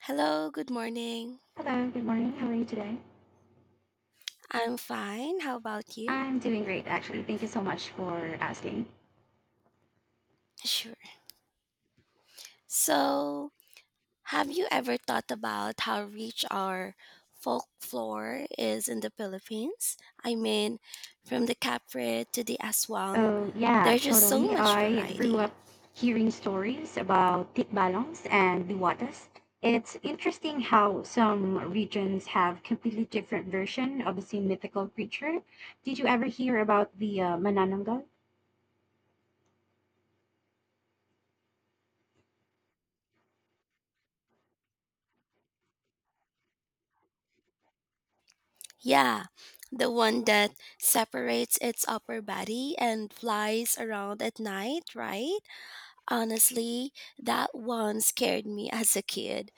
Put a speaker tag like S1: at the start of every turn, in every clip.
S1: Hello, good morning.
S2: Hello, good morning. How are you today?
S1: I'm fine. How about you?
S2: I'm doing great, actually. Thank you so much for asking.
S1: Sure. So, have you ever thought about how rich our folklore is in the Philippines? I mean, from the Capre to the Aswang,
S2: Oh, yeah,
S1: there's just
S2: totally.
S1: so much
S2: I grew
S1: variety.
S2: up hearing stories about tikbalangs and diwatas. It's interesting how some regions have completely different version of the same mythical creature. Did you ever hear about the Manananggal?
S1: Yeah, the one that separates its upper body and flies around at night, right? Honestly, that one scared me as a kid.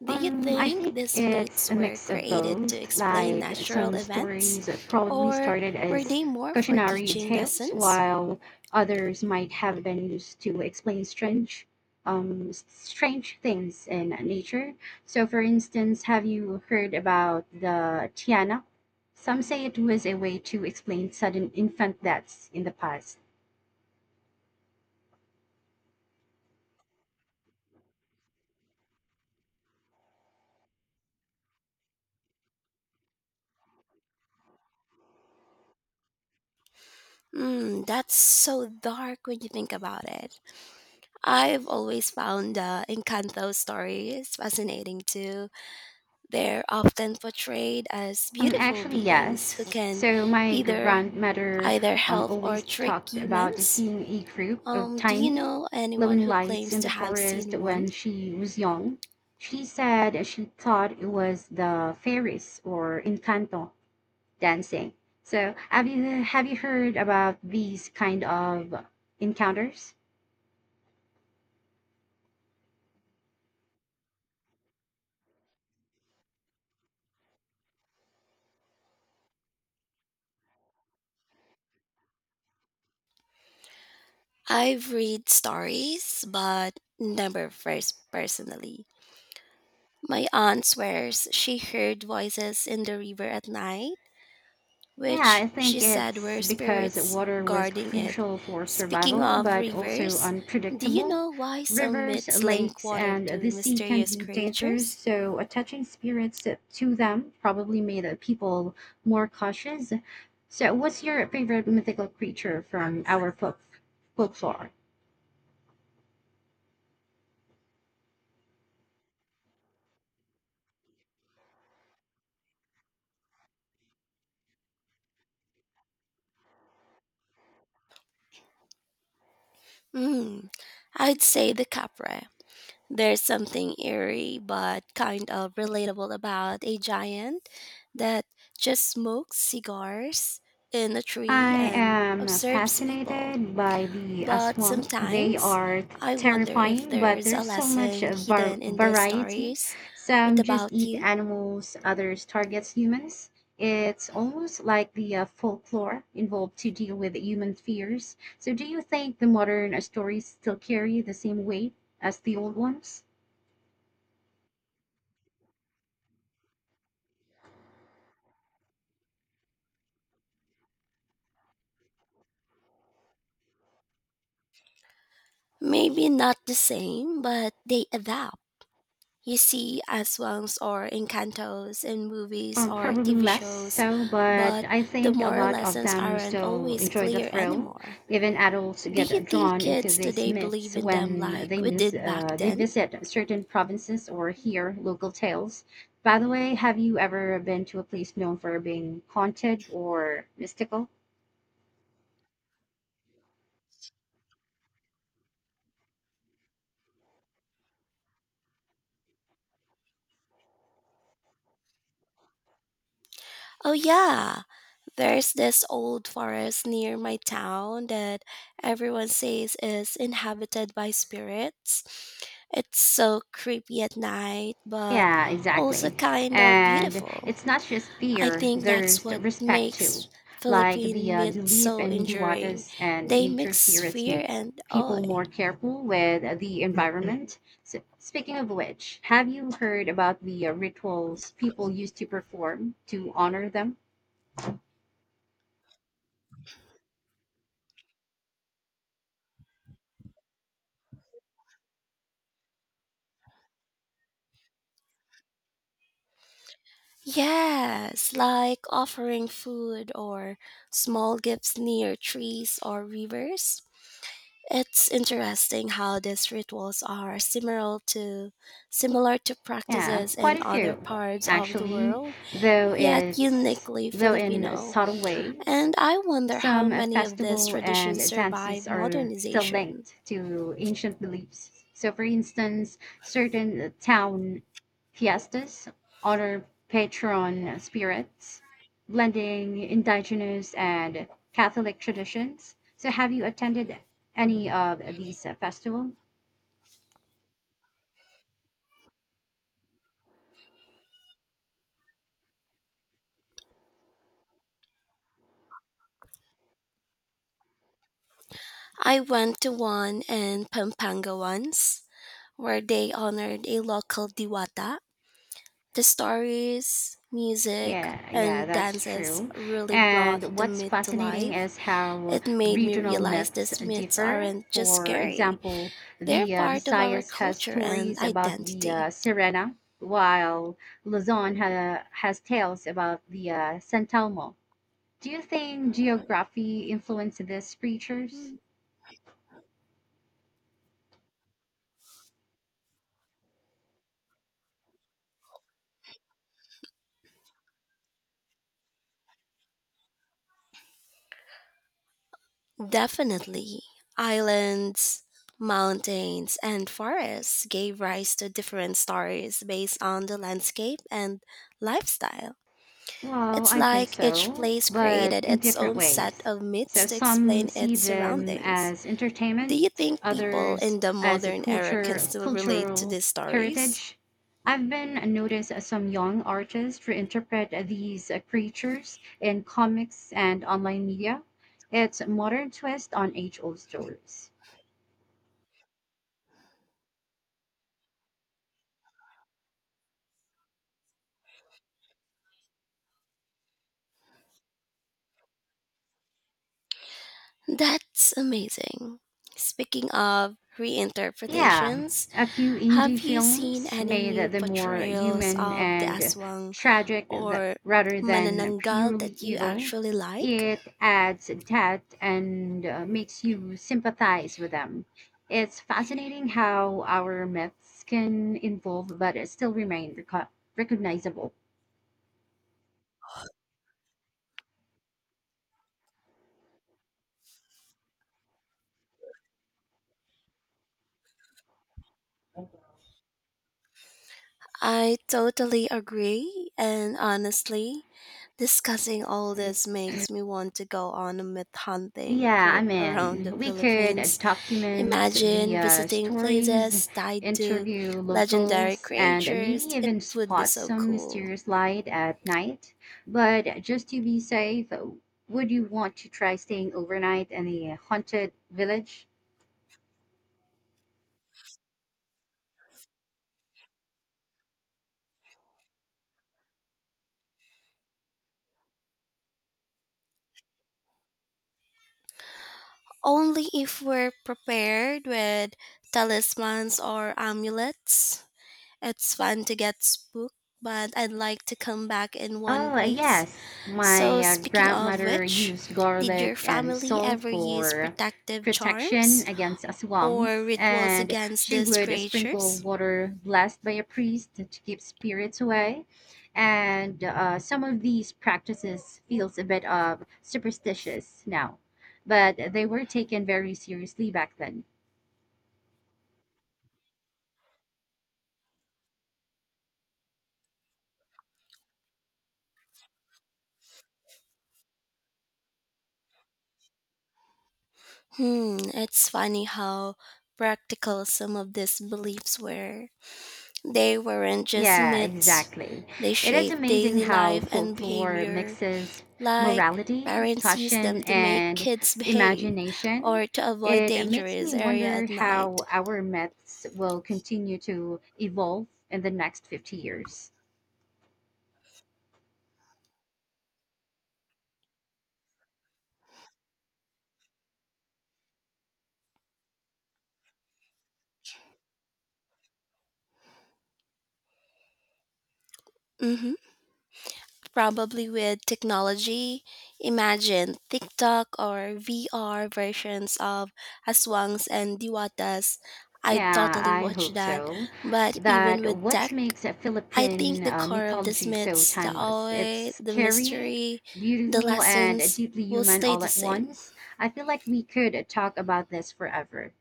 S1: Do you
S2: I
S1: think
S2: think
S1: these myths
S2: it's a
S1: were
S2: mix of
S1: created to
S2: both.
S1: explain
S2: Like
S1: natural
S2: some
S1: events,
S2: stories probably
S1: or
S2: started
S1: were
S2: as
S1: they more for
S2: cautionary
S1: teaching
S2: tales,
S1: lessons?
S2: while others might have been used to explain strange, strange things in nature. So, for instance, have you heard about the Tiana? Some say it was a way to explain sudden infant deaths in the past.
S1: Hmm, that's so dark when you think about it. I've always found Encanto stories fascinating too. They're often portrayed as beautiful
S2: Actually,
S1: beings who
S2: yes.
S1: can
S2: So my
S1: either
S2: grandmother
S1: either help or
S2: always
S1: trick
S2: talked about
S1: humans.
S2: seeing a group of
S1: Do you
S2: tiny
S1: know anyone
S2: glowing
S1: who
S2: lights
S1: claims
S2: in
S1: to
S2: the
S1: have
S2: forest
S1: seen one?
S2: when she was young. She said she thought it was the fairies or Encanto dancing. So have you heard about these kind of encounters?
S1: I've read stories, but never first personally. My aunt swears she heard voices in the river at night,
S2: Yeah,
S1: which
S2: I
S1: she
S2: think
S1: said
S2: it's
S1: were
S2: because
S1: spirits
S2: water was
S1: guarding it.
S2: crucial for
S1: Speaking
S2: survival,
S1: of
S2: but also
S1: rivers, do you
S2: unpredictable.
S1: know why some
S2: Rivers,
S1: myths link
S2: lakes,
S1: water
S2: and the
S1: to
S2: sea can
S1: mysterious
S2: be dangerous,
S1: creatures?
S2: so attaching spirits to them probably made the people more cautious. So, what's your favorite mythical creature from our folklore?
S1: Hmm, I'd say the capra. There's something eerie but kind of relatable about a giant that just smokes cigars in a tree
S2: I
S1: and
S2: am
S1: observes people.
S2: fascinated by the
S1: But
S2: aswang. They
S1: sometimes
S2: are
S1: I wonder if
S2: terrifying, but
S1: there's a
S2: there's so much
S1: lesson hidden in these
S2: variety.
S1: stories. What
S2: Some just
S1: about
S2: eat
S1: you?
S2: animals, others targets humans. It's almost like the folklore involved to deal with human fears. So, do you think the modern stories still carry the same weight as the old ones?
S1: Maybe not the same, but they adapt. You see Aswangs or Encantos in movies or
S2: Probably
S1: TV
S2: less
S1: shows,
S2: so, but
S1: but
S2: I
S1: the
S2: think a
S1: moral
S2: lot of
S1: lessons
S2: them
S1: aren't
S2: still
S1: always
S2: enjoy the
S1: clear
S2: thrill.
S1: anymore.
S2: Even adults
S1: Do you
S2: get
S1: think
S2: drawn into
S1: kids
S2: these
S1: today believe
S2: myths
S1: in them
S2: when
S1: like we did back
S2: they
S1: then?
S2: visit certain provinces or hear local tales. By the way, have you ever been to a place known for being haunted or mystical?
S1: Oh, yeah. There's this old forest near my town that everyone says is inhabited by spirits. It's so creepy at night, but
S2: Yeah,
S1: also
S2: exactly.
S1: kind of
S2: And
S1: beautiful.
S2: it's not just
S1: I
S2: fear,
S1: think
S2: there's
S1: that's
S2: the
S1: what
S2: respect too.
S1: makes
S2: Like the
S1: Philippine myths
S2: belief
S1: so
S2: in
S1: enduring.
S2: dewatas and
S1: They
S2: nature
S1: mix
S2: spirits
S1: fear
S2: makes
S1: and awe.
S2: people more careful with the environment. So, speaking of which, have you heard about the rituals people used to perform to honor them?
S1: Yes, like offering food or small gifts near trees or rivers. It's interesting how these rituals are similar to
S2: Yeah,
S1: practices in
S2: quite a
S1: other
S2: few,
S1: parts of the
S2: actually,
S1: world,
S2: though
S1: yet
S2: it's
S1: uniquely
S2: though in
S1: Filipino.
S2: subtle ways.
S1: And I wonder how
S2: Some
S1: many of these
S2: festival
S1: traditions
S2: and dances
S1: survive
S2: are still
S1: modernization.
S2: linked to ancient beliefs. So, for instance, certain town fiestas honor patron spirits, blending indigenous and Catholic traditions. So, have you attended any of these festivals?
S1: I went to one in Pampanga once, where they honored a local diwata. The stories, music,
S2: Yeah, yeah,
S1: and
S2: that's
S1: dances
S2: true.
S1: really brought
S2: And
S1: the
S2: what's
S1: myth to
S2: fascinating
S1: life.
S2: is how
S1: It made me
S2: regional
S1: realize
S2: myths
S1: these myths
S2: differ.
S1: aren't just
S2: For
S1: scary,
S2: example,
S1: they're
S2: the
S1: part of our
S2: Visayas has
S1: culture and
S2: stories about the
S1: identity.
S2: Sirena, while Luzon has tales about the Santalmo. Do you think geography influenced these creatures?
S1: Hmm. Definitely. Islands, mountains, and forests gave rise to different stories based on the landscape and lifestyle.
S2: Well,
S1: It's
S2: I think
S1: like each
S2: so,
S1: place
S2: but
S1: created
S2: in
S1: its
S2: different
S1: own set
S2: ways.
S1: of myths
S2: So
S1: to
S2: some
S1: explain
S2: see
S1: its
S2: them
S1: surroundings.
S2: as
S1: Do you
S2: entertainment,
S1: think people
S2: others
S1: in the
S2: as a
S1: modern era can
S2: culture
S1: still relate to
S2: cultural
S1: these stories?
S2: heritage. I've been noticed as some young artists reinterpret these creatures in comics and online media. It's a modern twist on age-old stories.
S1: That's amazing. Speaking of
S2: Yeah,
S1: reinterpretations,
S2: a few
S1: have
S2: indie
S1: you seen
S2: films
S1: any
S2: made
S1: new
S2: the more
S1: portrayals
S2: human
S1: of the
S2: and
S1: Aswang
S2: tragic
S1: or
S2: rather than
S1: Manananggal
S2: purely
S1: that you
S2: evil.
S1: actually like?
S2: It adds depth and makes you sympathize with them. It's fascinating how our myths can evolve but still remain recognizable.
S1: I totally agree, and honestly, discussing all this makes me want to go on a myth hunting
S2: Yeah,
S1: trip
S2: I'm
S1: around the
S2: in. We could
S1: Philippines.
S2: document the
S1: Imagine visiting
S2: stories,
S1: places tied to
S2: interview
S1: legendary
S2: locals, and maybe
S1: creatures. It
S2: even
S1: would be
S2: spot
S1: so
S2: some
S1: cool.
S2: mysterious light at night. But just to be safe, would you want to try staying overnight in a haunted village?
S1: Only if we're prepared with talismans or amulets. It's fun to get spooked, but I'd like to come back in one
S2: Oh,
S1: piece.
S2: yes. My
S1: So, speaking of
S2: grandmother
S1: which,
S2: used
S1: did your
S2: garlic and
S1: family
S2: salt
S1: ever use
S2: for
S1: protective
S2: protection
S1: charms
S2: against
S1: or
S2: swamps,
S1: rituals
S2: and
S1: against
S2: she
S1: these
S2: would sprinkle
S1: creatures?
S2: water blessed by a priest to keep spirits away. And some of these practices feels a bit of superstitious now, but they were taken very seriously back then.
S1: Hmm, it's funny how practical some of these beliefs were. They weren't just
S2: Yeah,
S1: myths,
S2: exactly.
S1: they
S2: It is
S1: shaped
S2: amazing
S1: daily
S2: how
S1: life and
S2: folklore
S1: behavior.
S2: mixes
S1: Like,
S2: morality,
S1: parents use them
S2: caution,
S1: to make
S2: and
S1: kids behave
S2: imagination.
S1: or to avoid
S2: It makes
S1: dangerous
S2: me
S1: area
S2: wonder
S1: at night.
S2: how our myths will continue to evolve in the next 50 years.
S1: Hmm. Probably with technology. Imagine TikTok or VR versions of Aswangs and Diwatas. I'd
S2: Yeah,
S1: totally
S2: I
S1: watch
S2: hope
S1: that.
S2: so.
S1: But even
S2: That
S1: with
S2: what
S1: tech,
S2: makes a
S1: I think
S2: Philippine
S1: the core of these
S2: mythology so
S1: myths, the
S2: timeless? It's
S1: awe, the
S2: scary,
S1: mystery, the
S2: beautiful, and
S1: lessons,
S2: deeply
S1: will
S2: human
S1: stay
S2: all
S1: the
S2: at
S1: same.
S2: once. I feel like we could talk about this forever.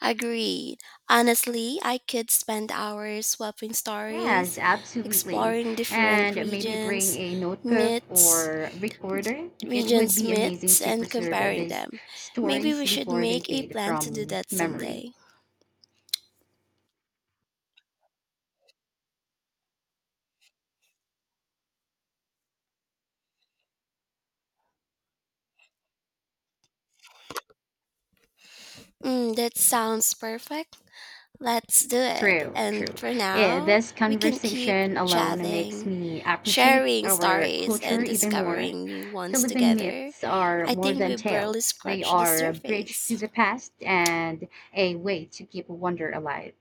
S1: Agreed. Honestly, I could spend hours swapping
S2: Yes,
S1: stories,
S2: absolutely.
S1: exploring different
S2: And maybe bring a notebook
S1: myths,
S2: or recorder. It would
S1: regions'
S2: be amazing
S1: myths,
S2: to
S1: and
S2: preserve
S1: comparing
S2: these
S1: them. Maybe
S2: stories
S1: we should
S2: before they
S1: make a
S2: fade
S1: plan to do
S2: from
S1: that
S2: memory.
S1: someday. Mm, that sounds perfect. Let's do it.
S2: True,
S1: And
S2: true.
S1: for
S2: Eh,
S1: now,
S2: this
S1: we can keep
S2: conversation alone makes
S1: chatting,
S2: me appreciate
S1: sharing
S2: our
S1: stories
S2: culture
S1: and
S2: even more.
S1: discovering new ones
S2: Philippine
S1: together.
S2: myths are
S1: I
S2: more
S1: think
S2: than
S1: we barely
S2: tales, they
S1: scratched the
S2: are a bridge to
S1: surface.
S2: the past and a way to keep wonder alive.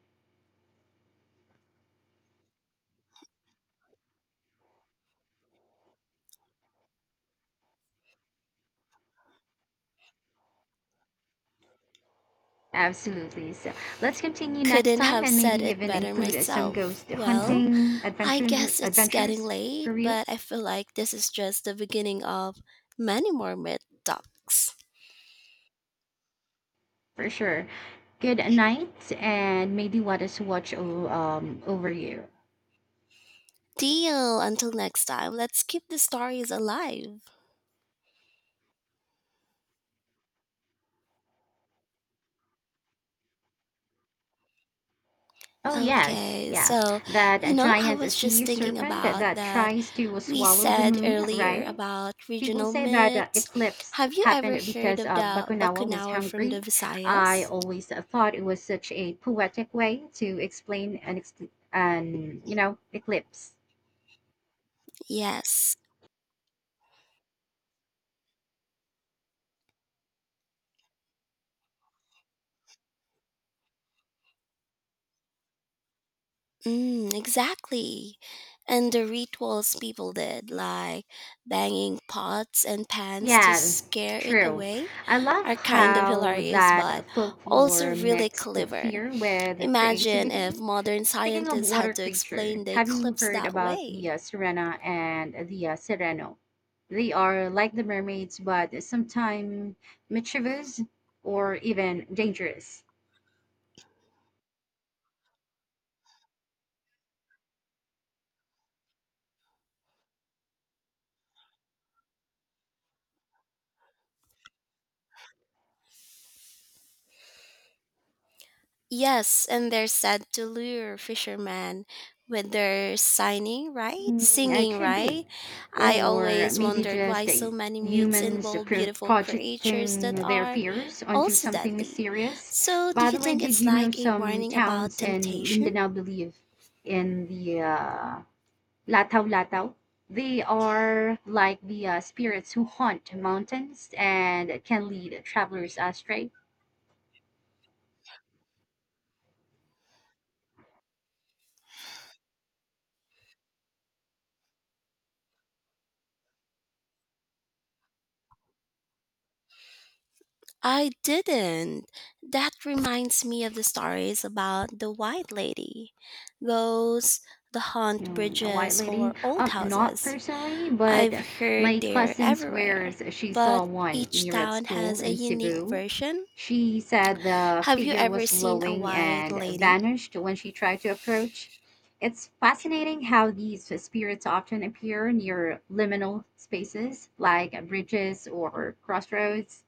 S2: Absolutely. So let's continue next
S1: Couldn't
S2: time
S1: have
S2: and maybe
S1: said it
S2: even
S1: better
S2: include some
S1: myself.
S2: ghost
S1: Well,
S2: hunting
S1: I guess it's getting
S2: adventures for
S1: late,
S2: real.
S1: but I feel like this is just the beginning of many more myth talks.
S2: For sure. Good night and maybe let us watch over you.
S1: Deal. Until next time, let's keep the stories alive.
S2: Oh yes,
S1: Okay,
S2: yes.
S1: so
S2: That
S1: you know, I
S2: giant
S1: was just
S2: sea
S1: thinking
S2: serpent that,
S1: about
S2: that
S1: that
S2: tries to
S1: we
S2: swallow the
S1: said
S2: moon,
S1: earlier
S2: right?
S1: about
S2: People
S1: regional
S2: say that
S1: myths.
S2: eclipse
S1: Have you ever
S2: happened
S1: heard
S2: because
S1: of the
S2: Bakunawa was
S1: Bakunawa from the
S2: hungry. I
S1: Visayas?
S2: always thought it was such a poetic way to explain an eclipse.
S1: Yes, mm, exactly. And the rituals people did, like banging pots and pans to
S2: Yeah,
S1: scare it
S2: true.
S1: away,
S2: I love
S1: are kind of
S2: how
S1: hilarious but
S2: that
S1: also
S2: folklore
S1: really
S2: mixed
S1: clever.
S2: fear with
S1: Imagine if
S2: creativity.
S1: modern
S2: Speaking of
S1: scientists
S2: water
S1: had to
S2: creature,
S1: explain the
S2: have you
S1: eclipse
S2: heard
S1: that
S2: about the
S1: way.
S2: Sirena and the Sireno? They are like the mermaids, but sometimes mischievous or even dangerous.
S1: Yes, and they're said to lure fishermen with their signing, right?
S2: Mm, I
S1: Singing,
S2: could be.
S1: right? I
S2: Or
S1: always
S2: maybe
S1: wondered
S2: just
S1: why so
S2: the
S1: many myths
S2: humans
S1: involve beautiful creatures that
S2: projecting their
S1: are
S2: fears onto
S1: also
S2: something
S1: deadly.
S2: mysterious.
S1: So, do
S2: By
S1: you
S2: the way,
S1: think
S2: did
S1: it's
S2: you know
S1: like a
S2: some
S1: warning about
S2: towns in
S1: temptation?
S2: Mindanao believe in the Lataw Lataw? They are like the spirits who haunt mountains and can lead travelers astray.
S1: I didn't. That reminds me of the stories about the White Lady, ghosts, the haunt
S2: Mm, a white
S1: bridges,
S2: lady?
S1: or old
S2: Not
S1: houses.
S2: personally, but
S1: I've
S2: my
S1: heard they're
S2: cousin
S1: everywhere,
S2: swears she saw
S1: but
S2: one
S1: each
S2: near at
S1: town
S2: school
S1: has a
S2: in
S1: unique
S2: Cebu.
S1: version.
S2: She said the
S1: Have you
S2: figure
S1: ever
S2: was
S1: seen a
S2: glowing
S1: white
S2: and
S1: lady?
S2: vanished when she tried to approach. It's fascinating how these spirits often appear near liminal spaces like bridges or crossroads.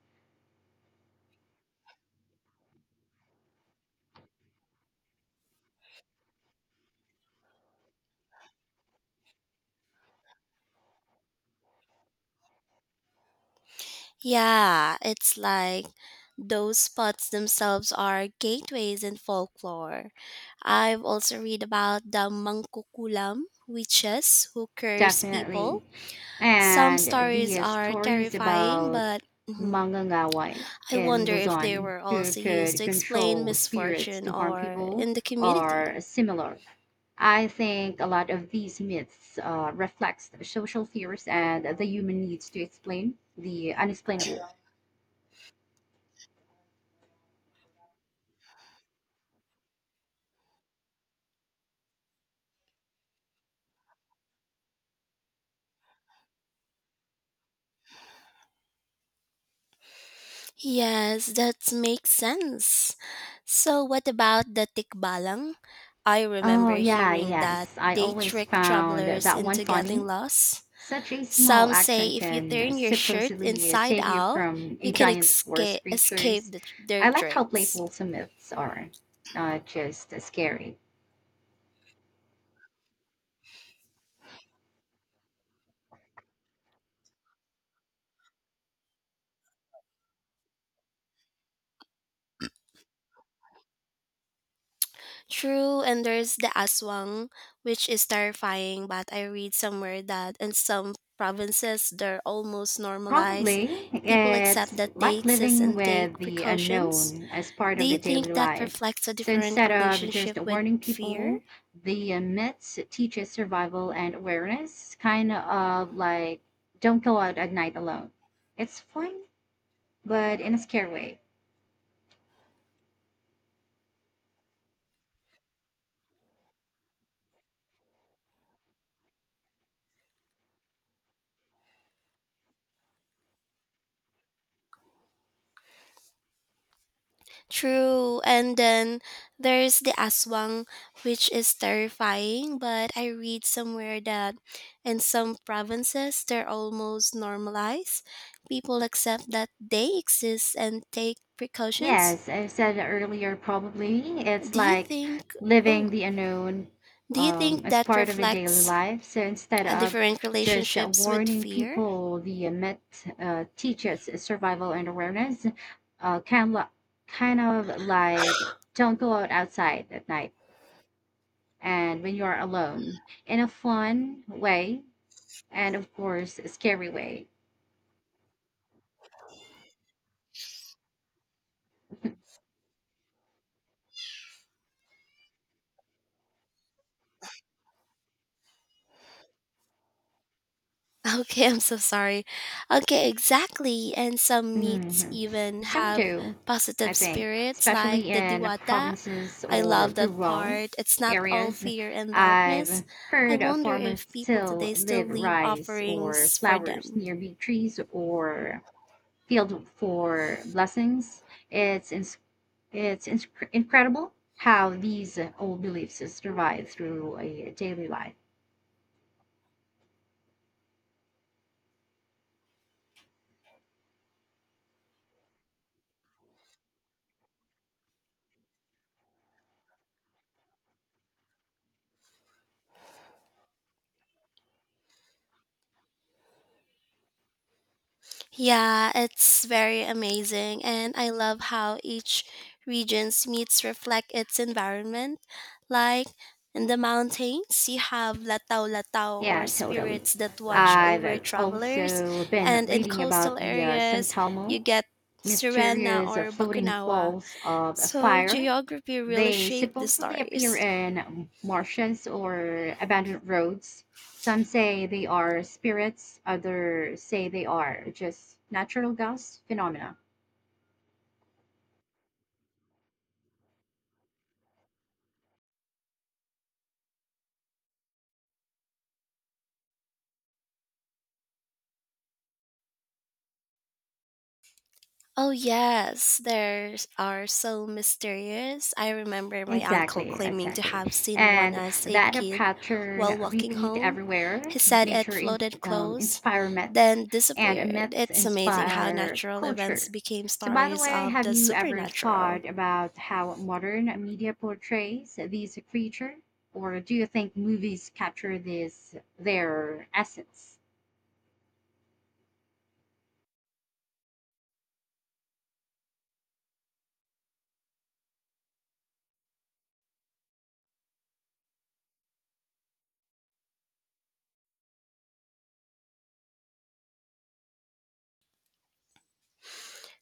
S1: Yeah, it's like those spots themselves are gateways in folklore. I've also read about the mangkukulam, witches who curse
S2: Definitely.
S1: people. Some
S2: And
S1: stories
S2: the
S1: are
S2: stories
S1: terrifying,
S2: about
S1: but mhm,
S2: Mangangaway
S1: I
S2: in
S1: wonder if they
S2: Luzon
S1: were
S2: who
S1: also used
S2: could
S1: to explain
S2: control spirits
S1: misfortune
S2: to harm
S1: or
S2: people
S1: in the community.
S2: are similar. I think a lot of these myths reflects social fears and the human needs to explain the unexplainable.
S1: Yes, that makes sense. So, what about the tikbalang? I
S2: Oh
S1: remember
S2: yeah,
S1: hearing that
S2: yes. I
S1: they
S2: always
S1: trick
S2: found
S1: travelers
S2: that one
S1: into getting
S2: funny.
S1: lost.
S2: Such a small
S1: Some
S2: action
S1: say if you
S2: can
S1: turn your shirt
S2: supposedly
S1: inside
S2: save you
S1: out,
S2: from
S1: you
S2: a
S1: can
S2: giant forest
S1: escape escape
S2: creatures.
S1: the, their
S2: I like how
S1: tricks.
S2: playful some myths are, not just scary.
S1: True, and there's the aswang, which is terrifying. But I read somewhere that in some provinces they're almost normalized.
S2: Probably
S1: People accept
S2: it's
S1: that they
S2: like
S1: exist
S2: living
S1: and take
S2: with the
S1: precautions.
S2: unknown as part
S1: Do
S2: of the
S1: you
S2: daily
S1: think that
S2: life.
S1: reflects a
S2: So
S1: different
S2: instead of just
S1: relationship with
S2: warning
S1: fear?
S2: people, the myths teaches survival and awareness, kind of like don't go out at night alone. It's fun, but in a scary way.
S1: True. And then there's the aswang, which is terrifying, but I read somewhere that in some provinces they're almost normalized. People accept that they exist and take precautions.
S2: Yes, I said earlier, probably it's
S1: Do you
S2: like
S1: think,
S2: living
S1: oh,
S2: the unknown
S1: do you think
S2: as
S1: that
S2: part of a daily
S1: reflects
S2: life. So instead
S1: a
S2: of
S1: different
S2: just
S1: relationships with
S2: warning
S1: fear?
S2: people, the myth teaches survival and awareness. Uh, kind of, kind of like don't go out outside at night and when you are alone in a fun way and of course a scary way.
S1: Okay, I'm so sorry. Okay, exactly. And some meats
S2: hmm
S1: even
S2: Some
S1: have
S2: do, I
S1: positive
S2: think,
S1: spirits like
S2: especially
S1: the
S2: in
S1: diwata.
S2: provinces
S1: I
S2: or
S1: love that
S2: rural
S1: part. It's not all
S2: areas.
S1: fear and darkness.
S2: I've
S1: I
S2: heard of
S1: wonder
S2: farmers
S1: if people
S2: still
S1: today still
S2: live
S1: leave
S2: rice or
S1: offerings for
S2: flowers
S1: them.
S2: near big trees or field for blessings. It's ins it's ins incredible how these old beliefs survive through a daily life.
S1: Yeah, it's very amazing, and I love how each region's meats reflect its environment. Like in the mountains, you have latau latau or
S2: Yeah, totally.
S1: spirits that watch over
S2: I've
S1: travelers,
S2: also been
S1: and in
S2: reading
S1: coastal
S2: about the San
S1: areas,
S2: Telmo
S1: you get Sirena
S2: mysterious
S1: or
S2: floating
S1: Bakunawa.
S2: balls of
S1: So
S2: fire.
S1: geography really
S2: They
S1: shaped the
S2: supposedly appear
S1: stories.
S2: in marshes or abandoned roads. Some say they are spirits, others say they are just natural gas phenomena.
S1: Oh yes, there are so mysterious. I remember my uncle
S2: Exactly,
S1: claiming to
S2: exactly.
S1: have seen one
S2: And
S1: as a
S2: that a
S1: kid while
S2: pattern
S1: walking
S2: repeat
S1: home.
S2: everywhere.
S1: He said it
S2: Nature
S1: floated close,
S2: inspire
S1: then
S2: myths, and
S1: disappeared.
S2: myths
S1: It's amazing how
S2: inspire
S1: natural events
S2: culture.
S1: became
S2: So, by the
S1: stories
S2: way,
S1: of
S2: have
S1: the
S2: you ever
S1: supernatural.
S2: thought about how modern media portrays these creatures, or do you think movies capture this their essence?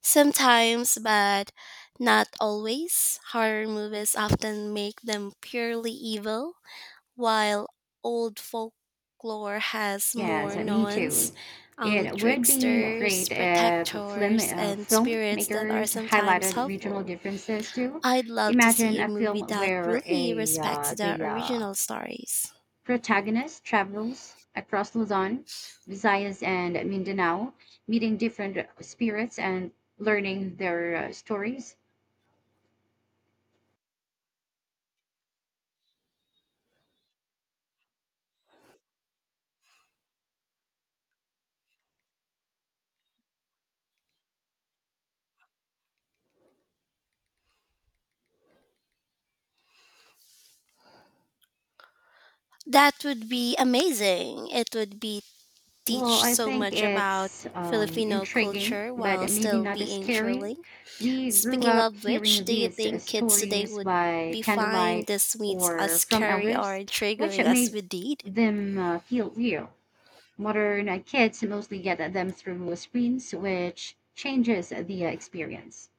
S1: Sometimes, but not always, horror movies often make them purely evil. While old folklore has
S2: Yes,
S1: more
S2: me
S1: nuance,
S2: too. It would be great
S1: tricksters,
S2: if
S1: protectors, and spirits that are
S2: filmmakers
S1: sometimes
S2: highlighted regional
S1: helpful.
S2: differences too.
S1: I'd love to
S2: Imagine
S1: see a
S2: a
S1: movie
S2: film
S1: that
S2: where
S1: really
S2: a
S1: respects the
S2: the
S1: original stories.
S2: protagonist travels across Luzon, Visayas, and Mindanao, meeting different spirits and learning their stories.
S1: That would be amazing. It would be
S2: Well,
S1: teach
S2: I
S1: so
S2: think
S1: much about
S2: it's
S1: Filipino
S2: intriguing,
S1: culture
S2: but
S1: while
S2: maybe
S1: still
S2: not as
S1: being
S2: scary.
S1: thrilling.
S2: We grew
S1: Speaking
S2: up
S1: of
S2: hearing
S1: which, do you
S2: these
S1: think kids today
S2: stories
S1: would
S2: by
S1: be fine
S2: candlelight
S1: this meets as
S2: or from
S1: scary or
S2: elders,
S1: triggering
S2: which
S1: as
S2: made
S1: we did?
S2: them feel real. Modern kids mostly get them through screens, which changes the experience.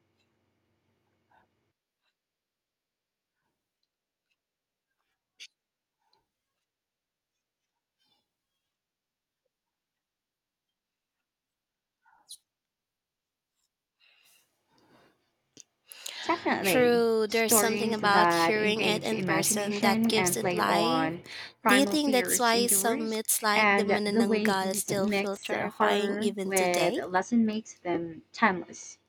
S2: Definitely.
S1: True, there's something
S2: Stories
S1: about
S2: that
S1: hearing it
S2: engage
S1: in person that
S2: imagination
S1: gives
S2: and
S1: it
S2: play
S1: life.
S2: on
S1: Do you
S2: primal
S1: think that's
S2: fears
S1: why some
S2: endures,
S1: myths like the
S2: and the way
S1: Manananggal
S2: these
S1: still feel
S2: mix
S1: terrifying
S2: horror
S1: even
S2: with
S1: today?
S2: lesson makes them timeless.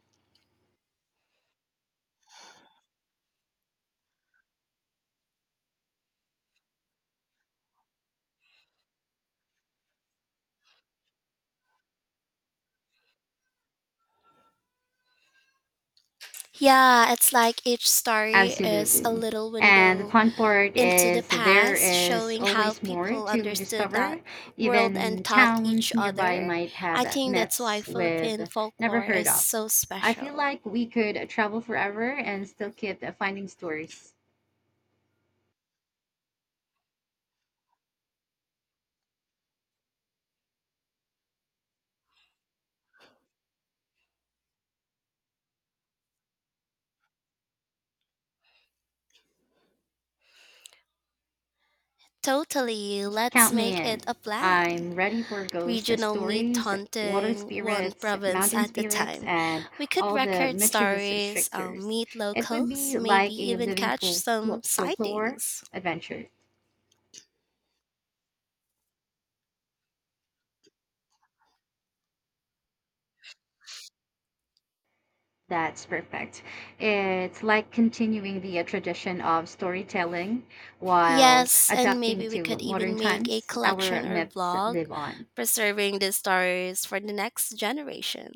S1: Yeah, it's like each story is a
S2: Absolutely.
S1: little
S2: And the
S1: window
S2: fun part
S1: into the
S2: is there
S1: past,
S2: is
S1: showing how
S2: always more
S1: people
S2: to
S1: understood that
S2: discover.
S1: world and
S2: Even
S1: taught each
S2: towns nearby
S1: other.
S2: might
S1: I
S2: have
S1: think that's why
S2: myths
S1: Philippine
S2: we've never
S1: folklore
S2: heard
S1: is
S2: of.
S1: so
S2: I feel
S1: special.
S2: like we could travel forever and still keep finding stories.
S1: Totally, let's
S2: Count me
S1: make
S2: in.
S1: it a plan,
S2: I'm ready for ghost
S1: regional meat
S2: stories, water
S1: hunting one
S2: spirits,
S1: province
S2: mountain
S1: at a
S2: spirits,
S1: time.
S2: and
S1: We could
S2: all the
S1: record
S2: mischievous
S1: stories,
S2: tricksters.
S1: meet
S2: It would
S1: locals,
S2: be
S1: maybe
S2: like a
S1: even
S2: living
S1: catch some
S2: folklore
S1: sightings.
S2: adventure. That's perfect. It's like continuing the tradition of storytelling while
S1: Yes, and
S2: adapting
S1: maybe we
S2: to
S1: could
S2: modern
S1: even make a
S2: times. Our
S1: collection or
S2: myths
S1: vlog
S2: live on.
S1: preserving these stories for the next generation.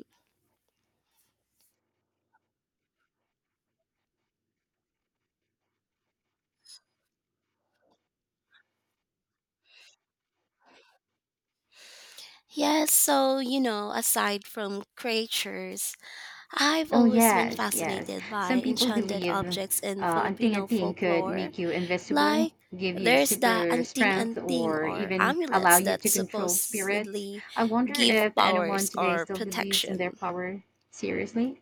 S1: Yes, so, you know, aside from creatures, I've
S2: Oh,
S1: always been
S2: yes, yes.
S1: fascinated
S2: Some
S1: by
S2: people
S1: enchanted
S2: believe
S1: objects in Filipino
S2: anting-anting could
S1: folklore.
S2: make you invisible,
S1: Like
S2: give you
S1: there's the
S2: super
S1: anting
S2: strength,
S1: anting
S2: or
S1: or
S2: even allow
S1: amulets
S2: you
S1: that
S2: to control spirits.
S1: supposedly
S2: I wonder
S1: give
S2: if anyone
S1: powers
S2: today
S1: or
S2: still believes
S1: protection.
S2: in their power seriously.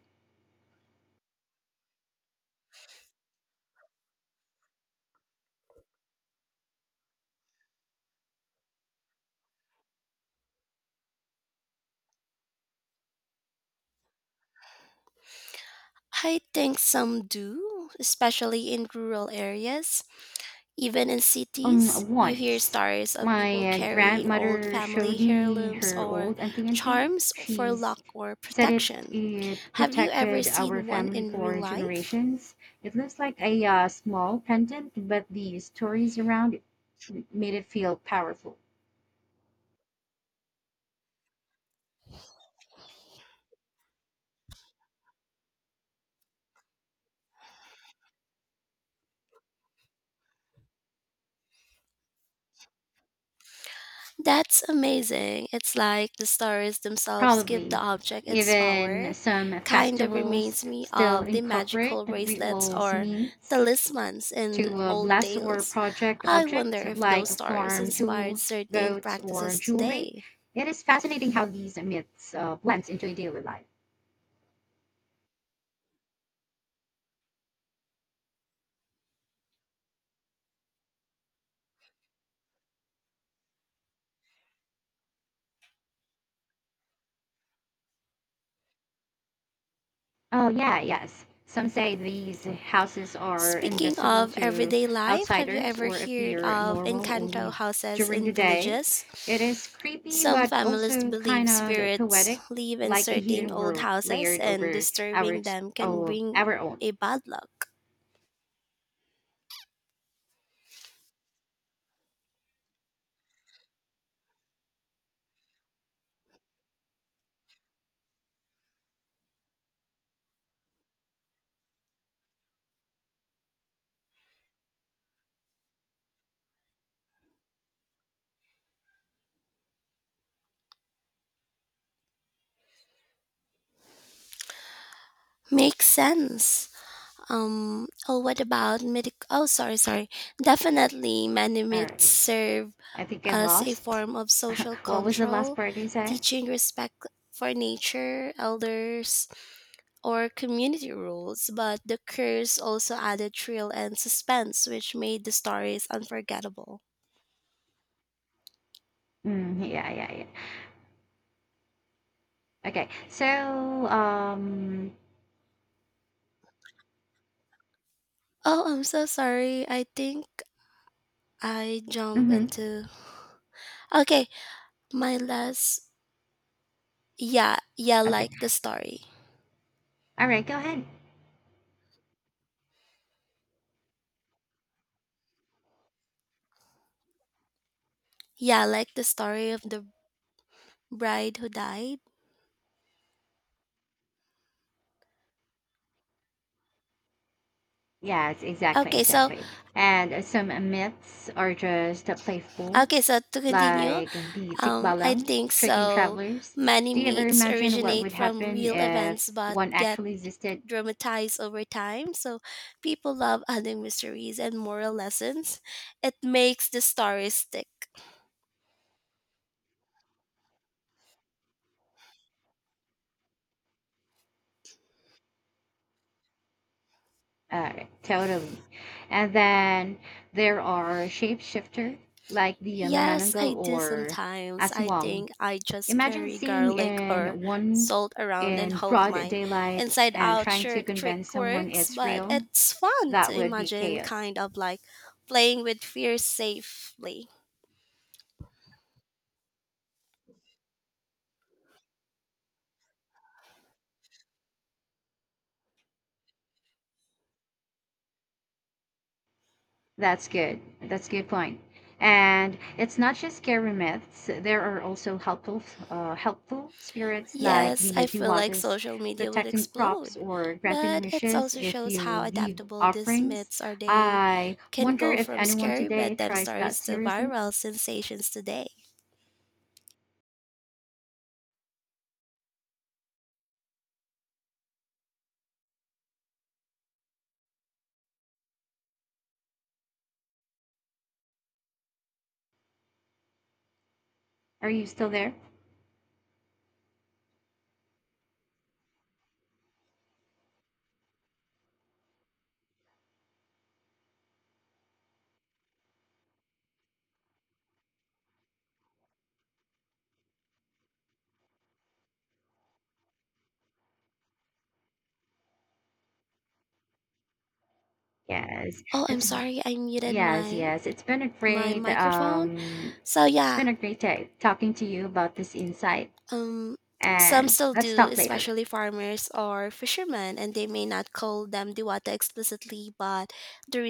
S1: I think some do, especially in rural areas. Even in cities, you hear
S2: Once
S1: stories of people
S2: my
S1: carrying old
S2: grandmother showed
S1: family
S2: me
S1: heirlooms
S2: her
S1: or
S2: old anting anting.
S1: charms for
S2: She's
S1: luck or
S2: said it
S1: protection.
S2: it
S1: Have you ever
S2: protected our
S1: seen one
S2: family
S1: in real
S2: for
S1: life?
S2: generations. It looks like a small pendant, but the stories around it made it feel powerful.
S1: That's amazing. It's like the stories themselves give the
S2: Probably
S1: object its
S2: even
S1: power.
S2: some
S1: Kind of
S2: festivals
S1: reminds me
S2: still
S1: of the
S2: incorporate
S1: magical bracelets
S2: rituals
S1: or
S2: means
S1: talismans in
S2: to
S1: old
S2: blast or
S1: tales.
S2: project
S1: I wonder
S2: objects
S1: if those
S2: like
S1: stories
S2: farm
S1: inspired
S2: tools,
S1: certain
S2: boats, or
S1: practices
S2: jewelry.
S1: today.
S2: It is fascinating how these myths blends into daily life. Oh yeah, yes. Some say these houses are
S1: Speaking
S2: invisible
S1: of
S2: to
S1: everyday life, have you
S2: outsiders
S1: ever
S2: or
S1: heard
S2: appear
S1: of
S2: normal
S1: Encanto
S2: only
S1: houses
S2: during
S1: in
S2: the day.
S1: villages?
S2: It is creepy,
S1: Some
S2: but
S1: families
S2: also kind
S1: believe
S2: of
S1: spirits
S2: poetic,
S1: live in
S2: like a
S1: certain
S2: hidden
S1: old
S2: world
S1: houses
S2: layered
S1: and
S2: over our
S1: disturbing them can bring
S2: our own.
S1: a bad luck. Makes sense. Oh, what about medic? Oh, sorry, sorry. Definitely, many
S2: All
S1: myths
S2: right.
S1: serve
S2: I think I
S1: as a
S2: lost.
S1: form of social
S2: What was the last
S1: control,
S2: part you said?
S1: teaching respect for nature, elders, or community rules, but the curse also added thrill and suspense, which made the stories unforgettable.
S2: Mm, yeah, yeah, yeah. Okay. So, um,
S1: Oh, I'm so sorry. I think I jump
S2: mhm.
S1: into. Okay, my last. Yeah, yeah,
S2: Okay.
S1: like the story.
S2: All right, go ahead.
S1: Yeah, like the story of the bride who died.
S2: Yes, exactly,
S1: Okay, so
S2: exactly. And some myths are just playful,
S1: okay, so to continue,
S2: like the
S1: I
S2: tikbalang,
S1: think
S2: tricking
S1: so.
S2: travelers.
S1: Many
S2: Do you ever
S1: myths
S2: imagine what
S1: originate
S2: would
S1: from
S2: happen
S1: real
S2: if
S1: events, but
S2: one
S1: get
S2: actually existed?
S1: dramatized over time. So people love adding mysteries and moral lessons. It makes the story stick.
S2: Totally. And then there are shapeshifter like the
S1: Yes,
S2: Manananggal
S1: I do
S2: or
S1: sometimes. I
S2: Aswang.
S1: think I just
S2: Imagine
S1: carry
S2: seeing
S1: garlic or
S2: in one
S1: salt around and
S2: in
S1: hope
S2: broad
S1: my
S2: daylight
S1: inside
S2: and
S1: out
S2: trying to
S1: shirt trick
S2: convince someone
S1: works,
S2: it's
S1: but
S2: real.
S1: it's fun
S2: That
S1: to
S2: would be
S1: imagine
S2: chaos.
S1: kind of like playing with fear safely.
S2: That's good. That's a good point. And it's not just scary myths. There are also helpful spirits like
S1: Yes,
S2: the
S1: I feel like
S2: Diwatas
S1: social media would
S2: protecting crops
S1: explode,
S2: or granting
S1: but it
S2: wishes
S1: also
S2: if
S1: shows how
S2: you leave
S1: adaptable these
S2: offerings.
S1: myths are. They
S2: I
S1: can
S2: wonder
S1: go
S2: if
S1: from
S2: anyone
S1: scary
S2: today
S1: bedtime
S2: tries that
S1: stories to
S2: seriously.
S1: viral sensations today.
S2: Are you still there? Yes,
S1: Oh, I'm
S2: it's
S1: sorry, I muted
S2: yes,
S1: my
S2: yes. It's been a
S1: microphone. So yeah,
S2: great day talking to you about this insight,
S1: um, some
S2: and
S1: still
S2: let's
S1: do,
S2: talk later.
S1: especially farmers or fishermen, and they may not call them diwata explicitly, but the